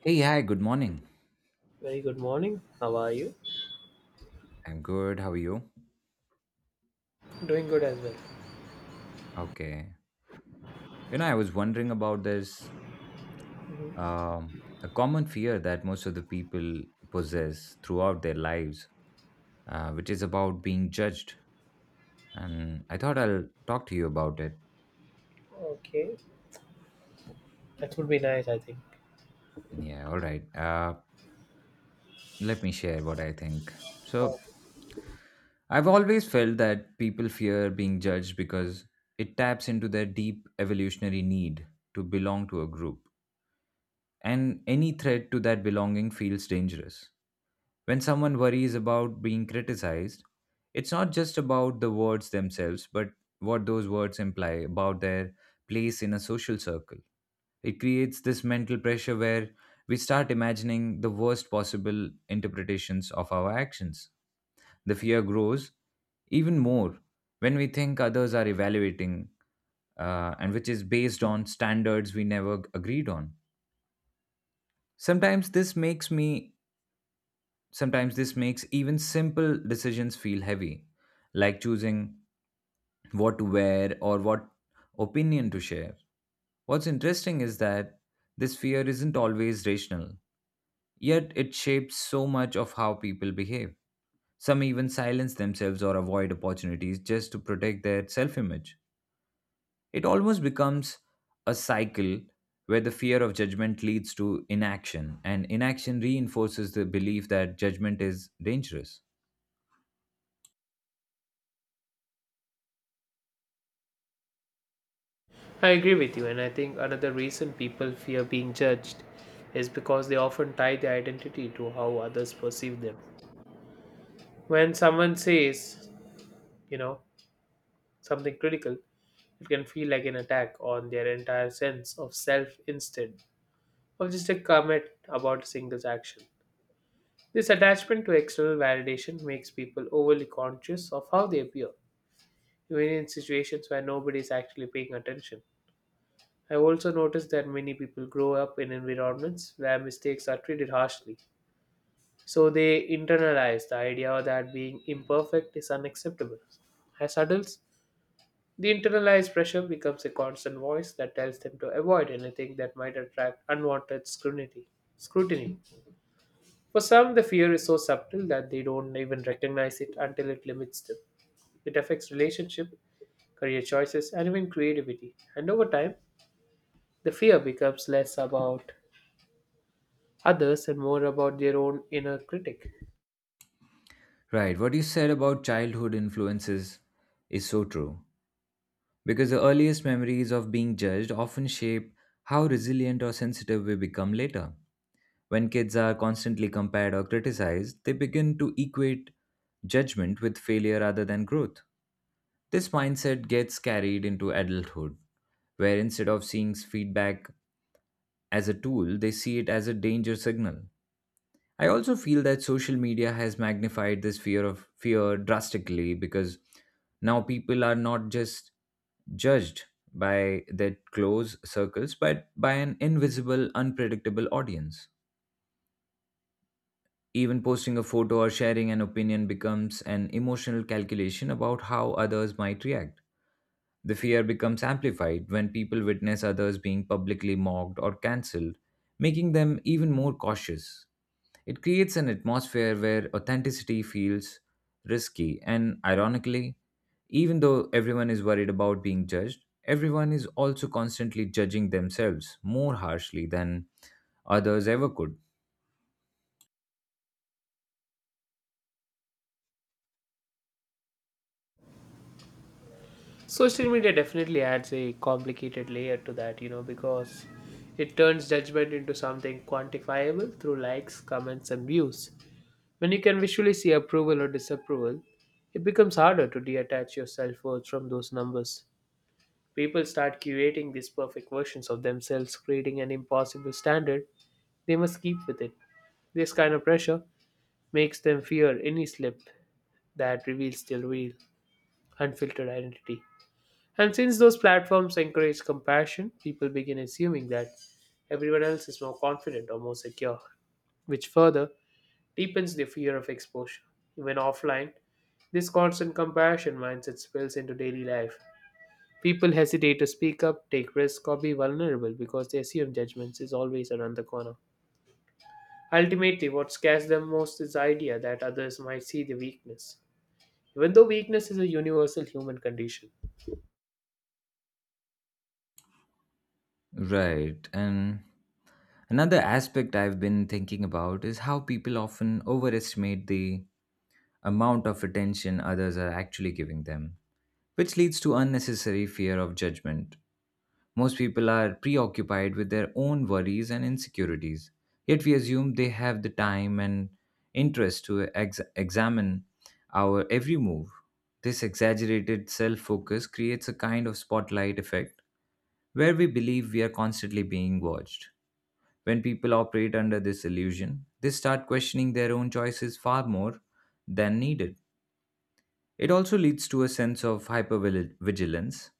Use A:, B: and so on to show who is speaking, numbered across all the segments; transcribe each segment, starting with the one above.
A: Hey, hi, good morning.
B: Very good morning. How are you?
A: I'm good. How are you?
B: Doing good as well.
A: Okay. You know, I was wondering about this um, a common fear that most of the people possess throughout their lives, which is about being judged. And I thought I'll talk to you about it.
B: Okay. That would be nice, I think.
A: Yeah, all right. Let me share what I think.
B: Oh,
A: So, I've always felt that people fear being judged because it taps into their deep evolutionary need to belong to a group. And any threat to that belonging feels dangerous. When someone worries about being criticized, it's not just about the words themselves, but what those words imply about their place in a social circle. It creates this mental pressure where we start imagining the worst possible interpretations of our actions. The fear grows even more when we think others are evaluating, and which is based on standards we never agreed on. Sometimes this makes me Sometimes this makes even simple decisions feel heavy, like choosing what to wear or what opinion to share. What's interesting is that this fear isn't always rational, yet it shapes so much of how people behave. Some even silence themselves or avoid opportunities just to protect their self image. It almost becomes a cycle where the fear of judgment leads to inaction, and inaction reinforces the belief that judgment is dangerous.
B: I agree with you, and I think another reason people fear being judged is because they often tie their identity to how others perceive them. When someone says, you know, something critical, it can feel like an attack on their entire sense of self instead of just a comment about a single action. This attachment to external validation makes people overly conscious of how they appear even in situations where nobody is actually paying attention. I have also noticed that many people grow up in environments where mistakes are treated harshly, so they internalize the idea that being imperfect is unacceptable. As adults, the internalized pressure becomes a constant voice that tells them to avoid anything that might attract unwanted scrutiny. Scrutiny. For some, the fear is so subtle that they don't even recognize it until it limits them. It affects relationship, career choices, and even creativity. And over time, the fear becomes less about others and more about their own inner critic.
A: Right, what you said about childhood influences is so true because the earliest memories of being judged often shape how resilient or sensitive we become later. When kids are constantly compared or criticized, they begin to equate judgment with failure rather than growth. This mindset gets carried into adulthood, where instead of seeing feedback as a tool, they see it as a danger signal. I also feel that social media has magnified this fear of fear drastically because now people are not just judged by their close circles but by an invisible unpredictable audience. Even posting a photo or sharing an opinion becomes an emotional calculation about how others might react. The fear becomes amplified when people witness others being publicly mocked or cancelled, making them even more cautious. It creates an atmosphere where authenticity feels risky, and ironically, even though everyone is worried about being judged, everyone is also constantly judging themselves more harshly than others ever could.
B: Social media definitely adds a complicated layer to that, because it turns judgment into something quantifiable through likes, comments, and views. When you can visually see approval or disapproval, it becomes harder to detach your self worth from those numbers. People start curating these perfect versions of themselves, creating an impossible standard they must keep with it. This kind of pressure makes them fear any slip that reveals their real, unfiltered identity. And since those platforms encourage comparison, people begin assuming that everyone else is more confident or more secure, which further deepens their fear of exposure. Even offline, this constant comparison mindset spills into daily life. People hesitate to speak up, take risks, or be vulnerable because they assume judgments is always around the corner. Ultimately, what scares them most is the idea that others might see the weakness, even though weakness is a universal human condition.
A: Right, and another aspect I've been thinking about is how people often overestimate the amount of attention others are actually giving them, which leads to unnecessary fear of judgment. Most people are preoccupied with their own worries and insecurities, yet we assume they have the time and interest to examine our every move. This exaggerated self focus creates a kind of spotlight effect where we believe we are constantly being watched when people operate under this illusion, they start questioning their own choices far more than needed. It also leads to a sense of hypervigilance,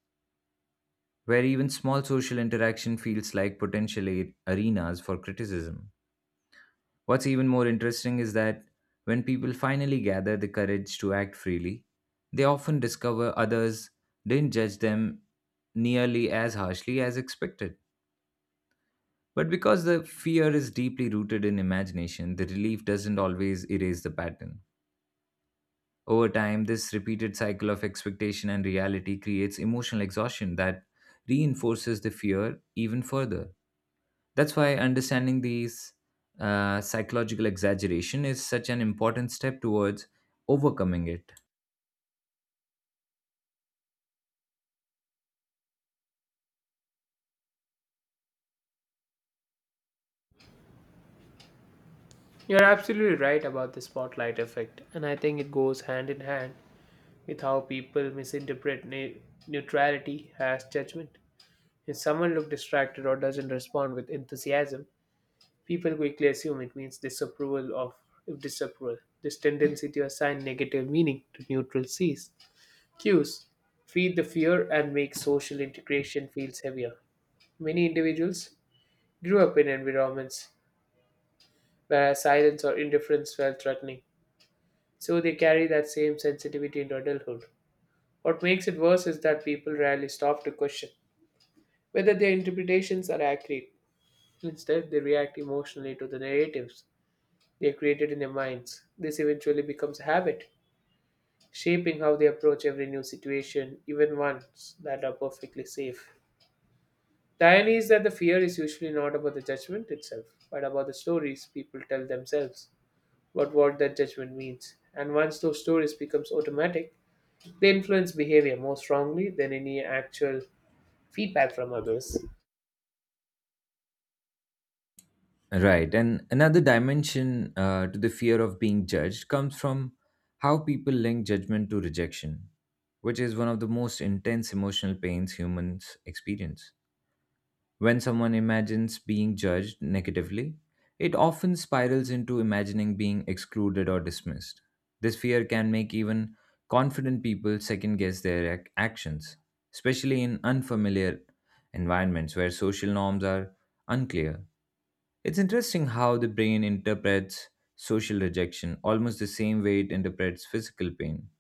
A: where even small social interaction feels like potential arenas for criticism. What's even more interesting is that when people finally gather the courage to act freely, they often discover others didn't judge them nearly as harshly as expected. But because the fear is deeply rooted in imagination, the relief doesn't always erase the pattern. Over time, this repeated cycle of expectation and reality creates emotional exhaustion that reinforces the fear even further. That's why understanding these psychological exaggeration is such an important step towards overcoming it.
B: You're absolutely right about the spotlight effect, and I think it goes hand in hand with how people misinterpret neutrality as judgment. If someone looks distracted or doesn't respond with enthusiasm, people quickly assume it means disapproval of disapproval. This tendency to assign negative meaning to neutral C's. Cues feed the fear and make social integration feels heavier. Many individuals grew up in environments where silence or indifference felt threatening, so they carry that same sensitivity into adulthood. What makes it worse is that people rarely stop to question whether their interpretations are accurate. Instead, they react emotionally to the narratives they have created in their minds. This eventually becomes a habit, shaping how they approach every new situation, even ones that are perfectly safe. The irony is that the fear is usually not about the judgment itself, but about the stories people tell themselves about what that judgment means. And once those stories becomes automatic, they influence behavior more strongly than any actual feedback from others.
A: Right. And another dimension to the fear of being judged comes from how people link judgment to rejection, which is one of the most intense emotional pains humans experience. When someone imagines being judged negatively, it often spirals into imagining being excluded or dismissed. This fear can make even confident people second guess their actions, especially in unfamiliar environments where social norms are unclear. It's interesting how the brain interprets social rejection almost the same way it interprets physical pain,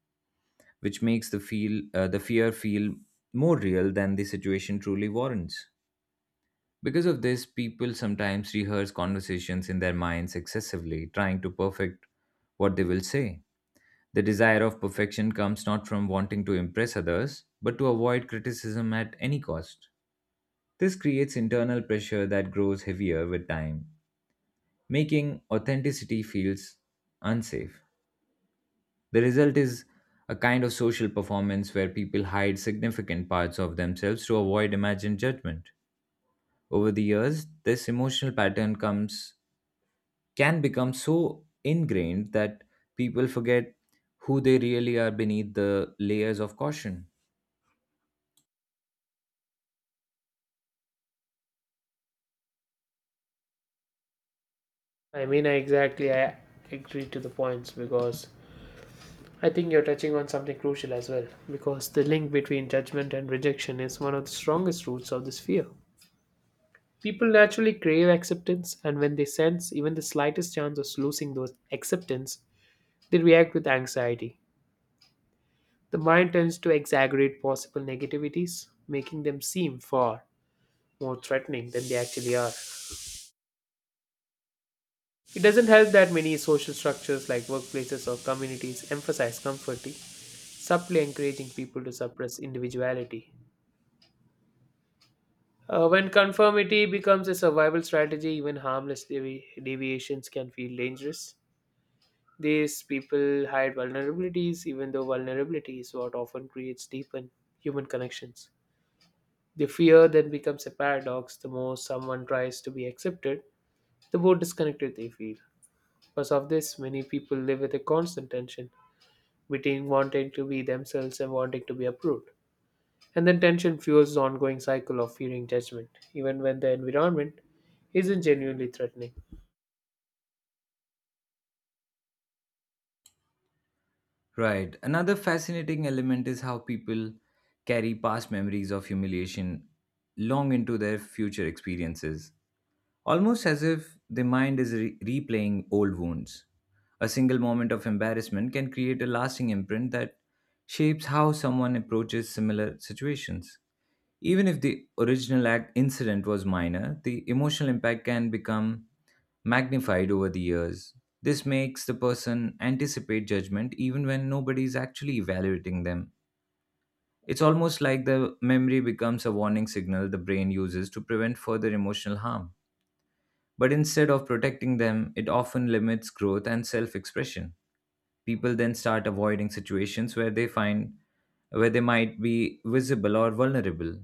A: which makes the fear feel more real than the situation truly warrants. Because of this, people sometimes rehearse conversations in their minds excessively, trying to perfect what they will say. The desire of perfection comes not from wanting to impress others, but to avoid criticism at any cost. This creates internal pressure that grows heavier with time, making authenticity feels unsafe. The result is a kind of social performance where people hide significant parts of themselves to avoid imagined judgment. Over the years, this emotional pattern comes can become so ingrained that people forget who they really are beneath the layers of caution.
B: I agree to the points because I think you're touching on something crucial as well because the link between judgment and rejection is one of the strongest roots of this fear. People naturally crave acceptance, and when they sense even the slightest chance of losing those acceptance, they react with anxiety. The mind tends to exaggerate possible negativities, making them seem far more threatening than they actually are. It doesn't help that many social structures like workplaces or communities emphasize conformity, subtly encouraging people to suppress individuality. When conformity becomes a survival strategy, even harmless deviations can feel dangerous. These people hide vulnerabilities, even though vulnerability is what often creates deepened human connections. The fear then becomes a paradox. The more someone tries to be accepted, the more disconnected they feel. Because of this, many people live with a constant tension between wanting to be themselves and wanting to be approved. And then tension fuels the ongoing cycle of fearing judgment, even when the environment isn't genuinely threatening.
A: Right. Another fascinating element is how people carry past memories of humiliation long into their future experiences, almost as if the mind is replaying old wounds. A single moment of embarrassment can create a lasting imprint that shapes how someone approaches similar situations. Even if the original act incident was minor, the emotional impact can become magnified over the years. This makes the person anticipate judgment even when nobody is actually evaluating them. It's almost like the memory becomes a warning signal the brain uses to prevent further emotional harm. But instead of protecting them, it often limits growth and self expression. People then start avoiding situations where they might be visible or vulnerable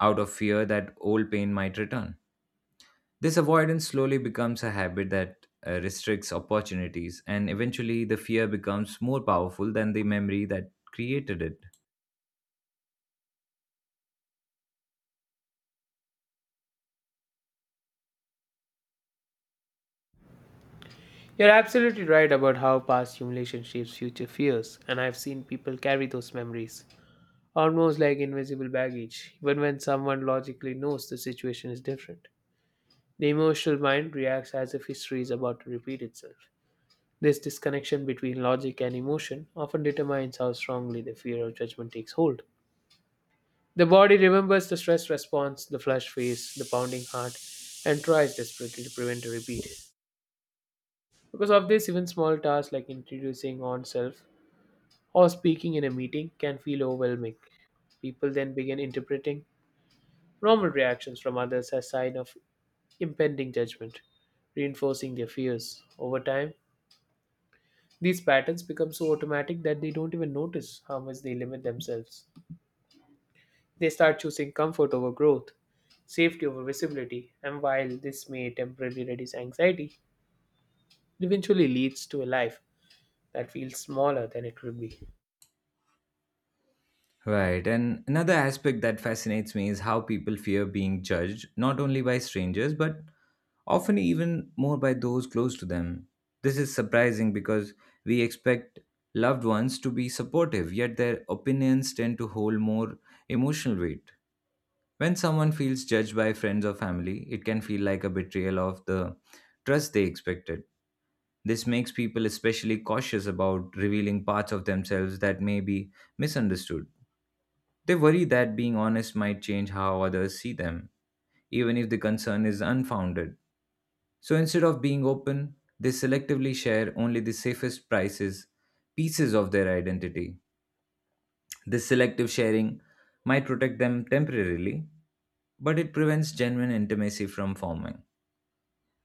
A: out of fear that old pain might return. This avoidance slowly becomes a habit that restricts opportunities, and eventually the fear becomes more powerful than the memory that created it.
B: You're absolutely right about how past humiliation shapes future fears, and I've seen people carry those memories almost like invisible baggage, even when someone logically knows the situation is different. The emotional mind reacts as if history is about to repeat itself. This disconnection between logic and emotion often determines how strongly the fear of judgment takes hold. The body remembers the stress response, the flushed face, the pounding heart, and tries desperately to prevent a repeat. Because of this, even small tasks like introducing oneself or speaking in a meeting can feel overwhelming. People then begin interpreting normal reactions from others as sign of impending judgment, reinforcing their fears. Over time, these patterns become so automatic that they don't even notice how much they limit themselves. They start choosing comfort over growth, safety over visibility, and while this may temporarily reduce anxiety, it eventually leads to a life that feels smaller than it would be.
A: Right. And another aspect that fascinates me is how people fear being judged, not only by strangers, but often even more by those close to them. This is surprising because we expect loved ones to be supportive, yet their opinions tend to hold more emotional weight. When someone feels judged by friends or family, it can feel like a betrayal of the trust they expected. This makes people especially cautious about revealing parts of themselves that may be misunderstood. They worry that being honest might change how others see them, even if the concern is unfounded. So instead of being open, they selectively share only the pieces of their identity. This selective sharing might protect them temporarily, but it prevents genuine intimacy from forming.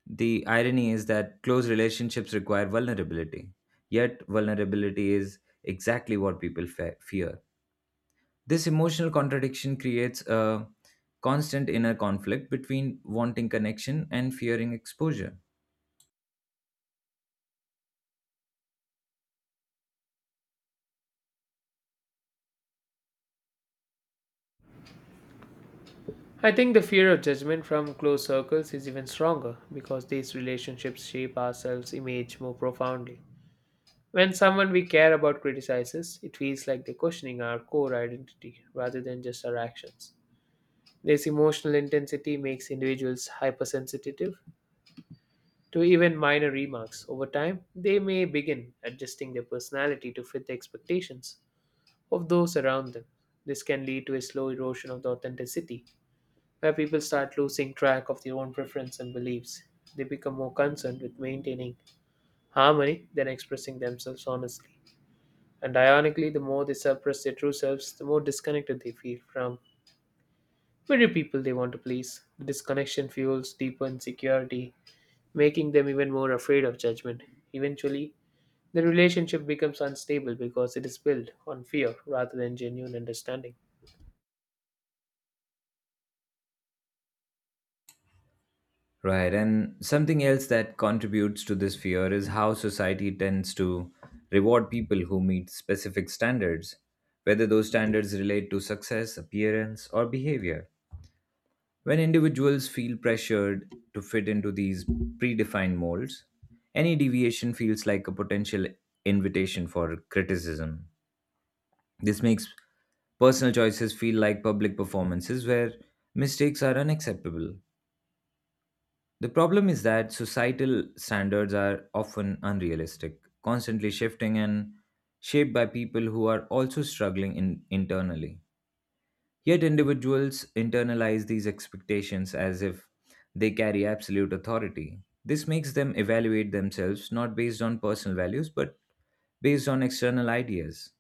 A: The irony is that close relationships require vulnerability, yet, vulnerability is exactly what people fear. This emotional contradiction creates a constant inner conflict between wanting connection and fearing exposure.
B: I think the fear of judgment from close circles is even stronger because these relationships shape ourselves' image more profoundly. When someone we care about criticizes, it feels like they're questioning our core identity rather than just our actions. This emotional intensity makes individuals hypersensitive to even minor remarks. Over time, they may begin adjusting their personality to fit the expectations of those around them. This can lead to a slow erosion of the authenticity, where people start losing track of their own preferences and beliefs. They become more concerned with maintaining harmony than expressing themselves honestly. And ironically, the more they suppress their true selves, the more disconnected they feel from very people they want to please. The disconnection fuels deeper insecurity, making them even more afraid of judgment. Eventually, the relationship becomes unstable because it is built on fear rather than genuine understanding.
A: Right, and something else that contributes to this fear is how society tends to reward people who meet specific standards, whether those standards relate to success, appearance, or behavior. When individuals feel pressured to fit into these predefined molds, any deviation feels like a potential invitation for criticism. This makes personal choices feel like public performances where mistakes are unacceptable. The problem is that societal standards are often unrealistic, constantly shifting and shaped by people who are also struggling in, internally. Yet individuals internalize these expectations as if they carry absolute authority. This makes them evaluate themselves not based on personal values but based on external ideas.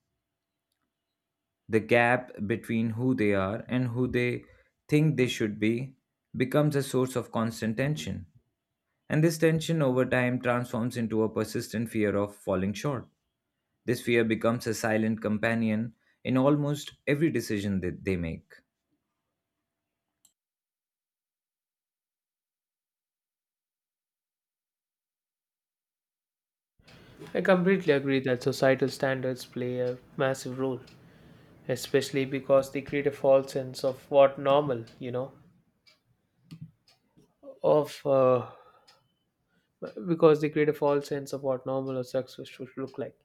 A: The gap between who they are and who they think they should be becomes a source of constant tension. And this tension over time transforms into a persistent fear of falling short. This fear becomes a silent companion in almost every decision that they make.
B: I completely agree that societal standards play a massive role, especially because they create a false sense of what normal, you know, of because they create a false sense of what normal or success should look like.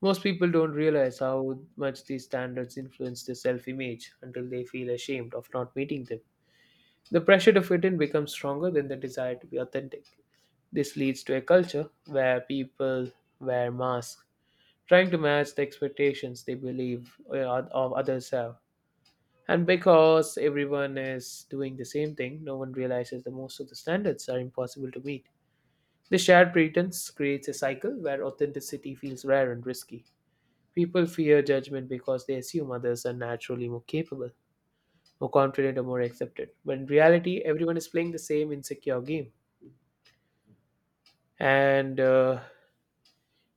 B: Most people don't realize how much these standards influence their self image until they feel ashamed of not meeting them. The pressure to fit in becomes stronger than the desire to be authentic. This leads to a culture where people wear masks, trying to match the expectations they believe of others have. And because everyone is doing the same thing, no one realizes that most of the standards are impossible to meet. The shared pretense creates a cycle where authenticity feels rare and risky. People fear judgment because they assume others are naturally more capable more confident or more accepted. But in reality, everyone is playing the same insecure game. And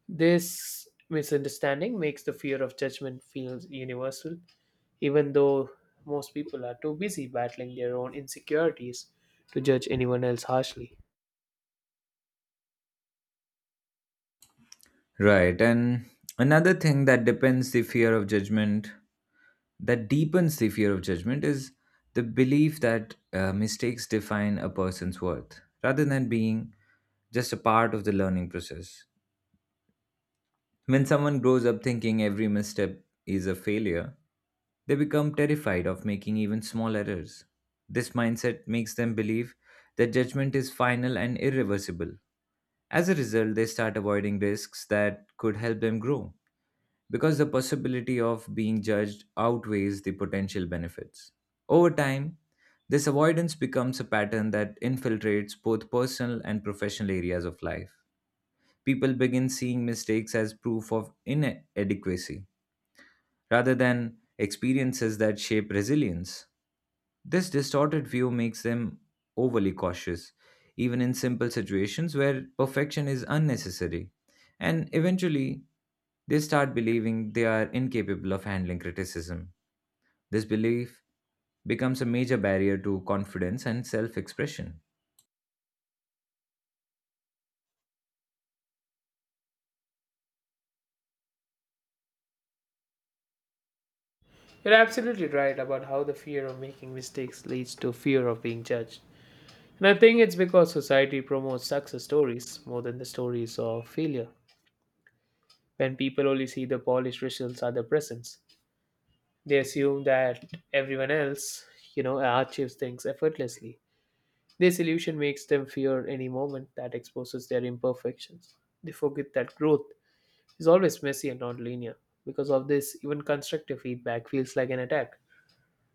B: This misunderstanding makes the fear of judgment feel universal, even though most people are too busy battling their own insecurities to judge anyone else harshly.
A: Right. And another thing that deepens the fear of judgment is the belief that mistakes define a person's worth rather than being just a part of the learning process. When someone grows up thinking every misstep is a failure, they become terrified of making even small errors. This mindset makes them believe that judgment is final and irreversible. As a result, they start avoiding risks that could help them grow because the possibility of being judged outweighs the potential benefits. Over time, this avoidance becomes a pattern that infiltrates both personal and professional areas of life. People begin seeing mistakes as proof of inadequacy rather than experiences that shape resilience. This distorted view makes them overly cautious, even in simple situations where perfection is unnecessary, and eventually they start believing they are incapable of handling criticism. This belief becomes a major barrier to confidence and self expression.
B: You're absolutely right about how the fear of making mistakes leads to fear of being judged. And I think it's because society promotes success stories more than the stories of failure. When people only see the polished results at the presence, they assume that everyone else, achieves things effortlessly. This illusion makes them fear any moment that exposes their imperfections. They forget that growth is always messy and linear. Because of this, even constructive feedback feels like an attack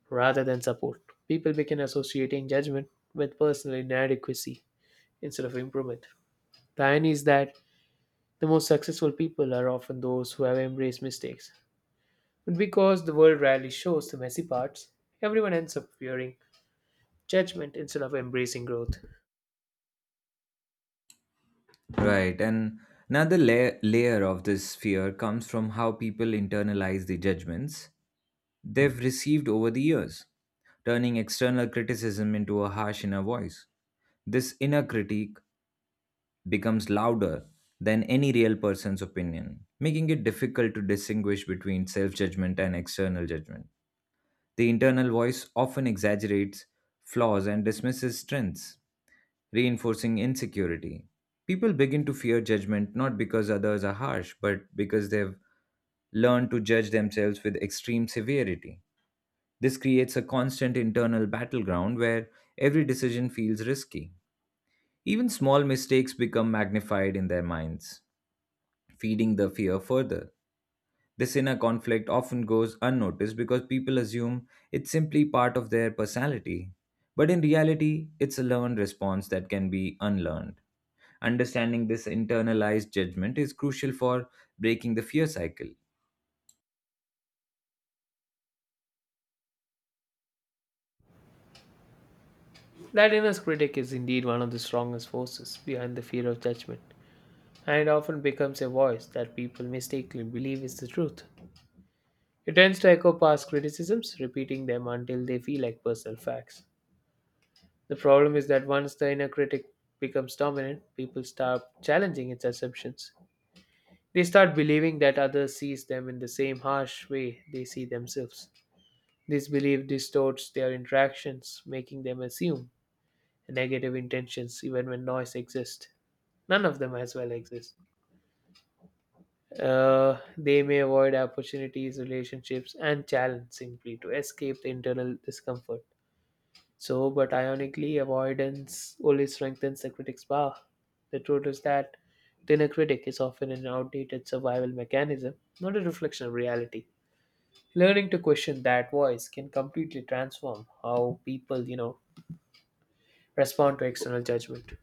B: rather than support. People begin associating judgment with personal inadequacy instead of improvement. The irony is that the most successful people are often those who have embraced mistakes. But because the world rarely shows the messy parts, everyone ends up fearing judgment instead of embracing growth.
A: Right. And another layer of this fear comes from how people internalize the judgments they've received over the years, turning external criticism into a harsh inner voice. This inner critique becomes louder than any real person's opinion, making it difficult to distinguish between self judgment and external judgment. The internal voice often exaggerates flaws and dismisses strengths, reinforcing insecurity. People begin to fear judgment not because others are harsh, but because they've learned to judge themselves with extreme severity. This creates a constant internal battleground where every decision feels risky. Even small mistakes become magnified in their minds, feeding the fear further. This inner conflict often goes unnoticed because people assume it's simply part of their personality. But in reality, it's a learned response that can be unlearned. Understanding this internalized judgment is crucial for breaking the fear cycle.
B: That inner critic is indeed one of the strongest forces behind the fear of judgment, and it often becomes a voice that people mistakenly believe is the truth. It tends to echo past criticisms, repeating them until they feel like personal facts. The problem is that once the inner critic becomes dominant, people start challenging its assumptions. They start believing that others sees them in the same harsh way they see themselves. This belief distorts their interactions, making them assume negative intentions even when noise exists. None of them as well exist. They may avoid opportunities, relationships, and challenge simply to escape the internal discomfort. So, but ironically, avoidance only strengthens the critic's power. The truth is that the inner critic is often an outdated survival mechanism, not a reflection of reality. Learning to question that voice can completely transform how people, respond to external judgment.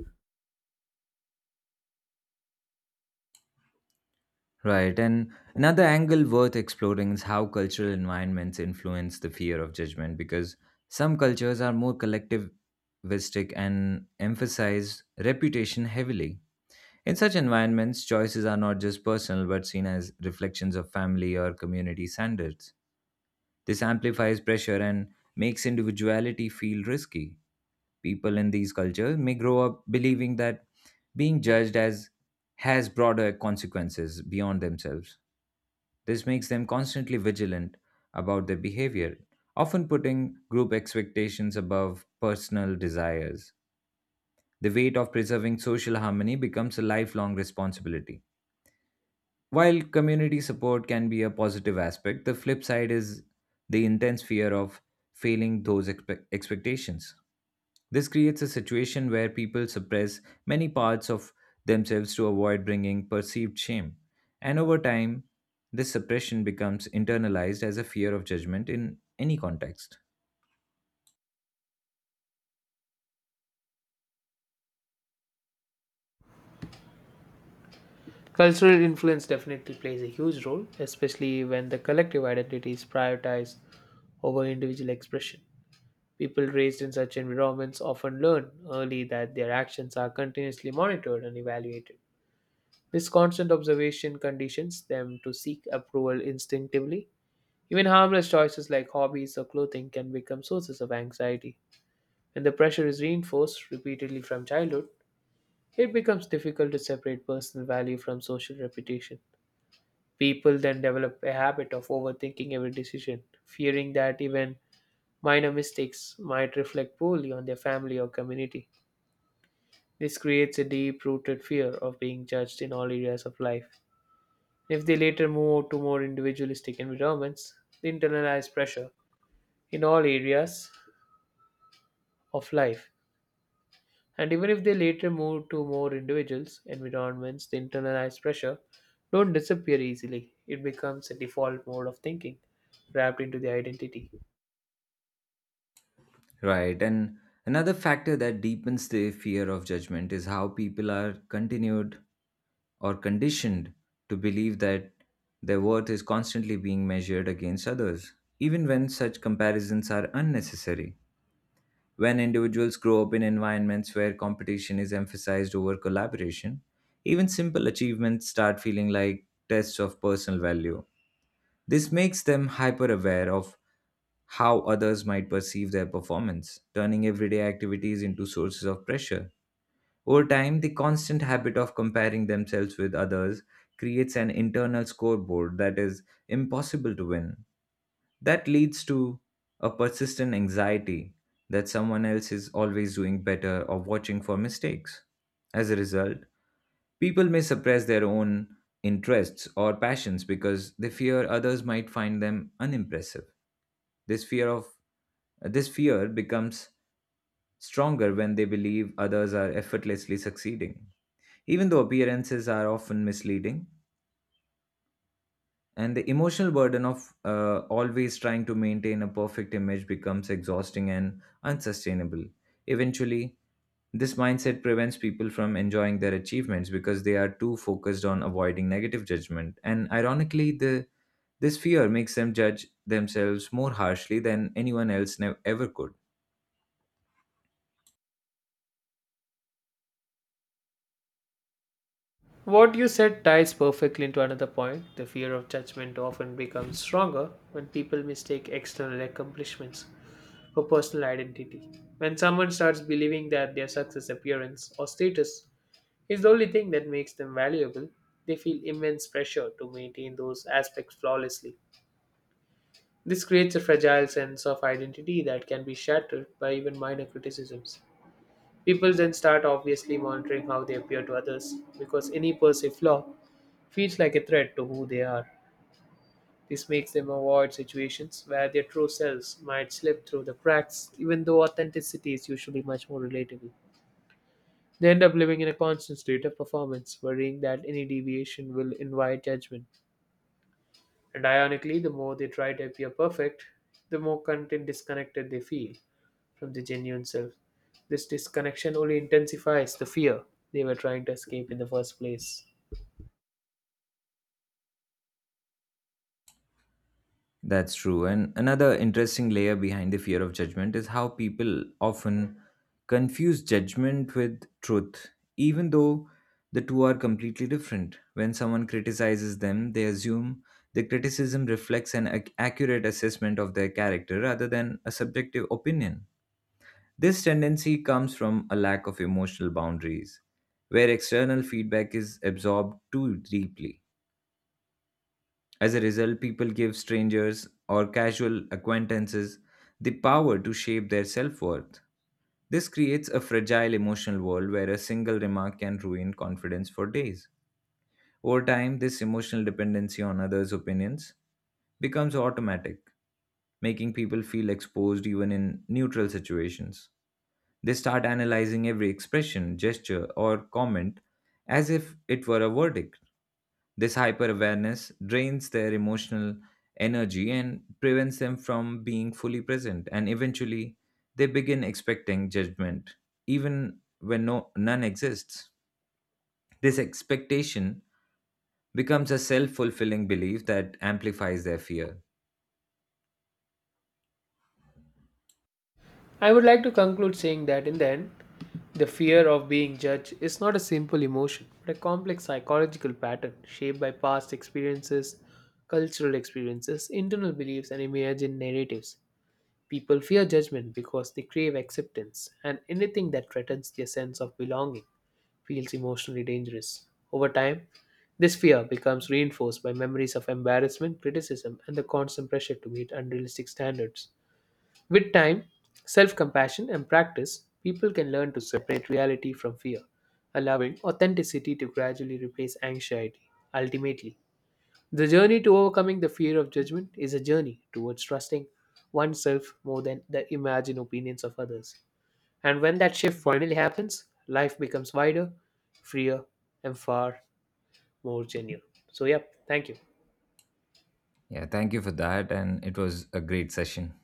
A: Right, and another angle worth exploring is how cultural environments influence the fear of judgment, because some cultures are more collectivistic and emphasize reputation heavily. In such environments, choices are not just personal but seen as reflections of family or community standards. This amplifies pressure and makes individuality feel risky. People in these cultures may grow up believing that being judged as has broader consequences beyond themselves. This makes them constantly vigilant about their behavior, often putting group expectations above personal desires. The weight of preserving social harmony becomes a lifelong responsibility. While community support can be a positive aspect, the flip side is the intense fear of failing those expectations. This creates a situation where people suppress many parts of themselves to avoid bringing perceived shame. And over time, this suppression becomes internalized as a fear of judgment in any context.
B: Cultural influence definitely plays a huge role, especially when the collective identity is prioritized over individual expression. People raised in such environments often learn early that their actions are continuously monitored and evaluated. This constant observation conditions them to seek approval instinctively. Even harmless choices like hobbies or clothing can become sources of anxiety. When the pressure is reinforced repeatedly from childhood, it becomes difficult to separate personal value from social reputation. People then develop a habit of overthinking every decision, fearing that even minor mistakes might reflect poorly on their family or community. This creates a deep rooted fear of being judged in all areas of life. If they later move to more individualistic environments, they internalize pressure in all areas of life. And even if they later move to more individuals environments, the internalized pressure don't disappear easily. It becomes a default mode of thinking wrapped into the identity.
A: Right. And another factor that deepens the fear of judgment is how people are continued or conditioned to believe that their worth is constantly being measured against others, even when such comparisons are unnecessary. When individuals grow up in environments where competition is emphasized over collaboration, even simple achievements start feeling like tests of personal value. This makes them hyper aware of how others might perceive their performance, turning everyday activities into sources of pressure. Over time, the constant habit of comparing themselves with others creates an internal scoreboard that is impossible to win. That leads to a persistent anxiety that someone else is always doing better or watching for mistakes. As a result, people may suppress their own interests or passions because they fear others might find them unimpressive. This fear of this fear becomes stronger when they believe others are effortlessly succeeding, even though appearances are often misleading. And the emotional burden of always trying to maintain a perfect image becomes exhausting and unsustainable. Eventually, this mindset prevents people from enjoying their achievements because they are too focused on avoiding negative judgment. And ironically, the this fear makes them judge themselves more harshly than anyone else ever could.
B: What you said ties perfectly into another point. The fear of judgment often becomes stronger when people mistake external accomplishments for personal identity. When someone starts believing that their success, appearance, or status is the only thing that makes them valuable, they feel immense pressure to maintain those aspects flawlessly. This creates a fragile sense of identity that can be shattered by even minor criticisms. People then start obviously monitoring how they appear to others because any perceived flaw feels like a threat to who they are. This makes them avoid situations where their true selves might slip through the cracks, even though authenticity is usually much more relatable. They end up living in a constant state of performance, worrying that any deviation will invite judgment. And ironically, the more they try to appear perfect, the more content disconnected they feel from the genuine self. This disconnection only intensifies the fear they were trying to escape in the first place.
A: That's true. And another interesting layer behind the fear of judgment is how people often confuse judgment with truth, even though the two are completely different. When someone criticizes them, they assume the criticism reflects an accurate assessment of their character rather than a subjective opinion. This tendency comes from a lack of emotional boundaries, where external feedback is absorbed too deeply. As a result, people give strangers or casual acquaintances the power to shape their self worth. This creates a fragile emotional world where a single remark can ruin confidence for days. Over time, this emotional dependency on others' opinions becomes automatic, making people feel exposed even in neutral situations. They start analyzing every expression, gesture, or comment as if it were a verdict. This hyper awareness drains their emotional energy and prevents them from being fully present, and eventually they begin expecting judgment, even when none exists. This expectation becomes a self fulfilling belief that amplifies their fear.
B: I would like to conclude saying that in the end, the fear of being judged is not a simple emotion, but a complex psychological pattern shaped by past experiences, cultural experiences, internal beliefs, and imagined narratives. People fear judgment because they crave acceptance, and anything that threatens their sense of belonging feels emotionally dangerous. Over time, this fear becomes reinforced by memories of embarrassment, criticism, and the constant pressure to meet unrealistic standards. With time, self compassion, and practice, people can learn to separate reality from fear, allowing authenticity to gradually replace anxiety. Ultimately, the journey to overcoming the fear of judgment is a journey towards trusting oneself more than the imagined opinions of others. And when that shift finally happens, life becomes wider, freer, and far more genuine. So, yep, thank you.
A: Yeah, thank you for that, and it was a great session.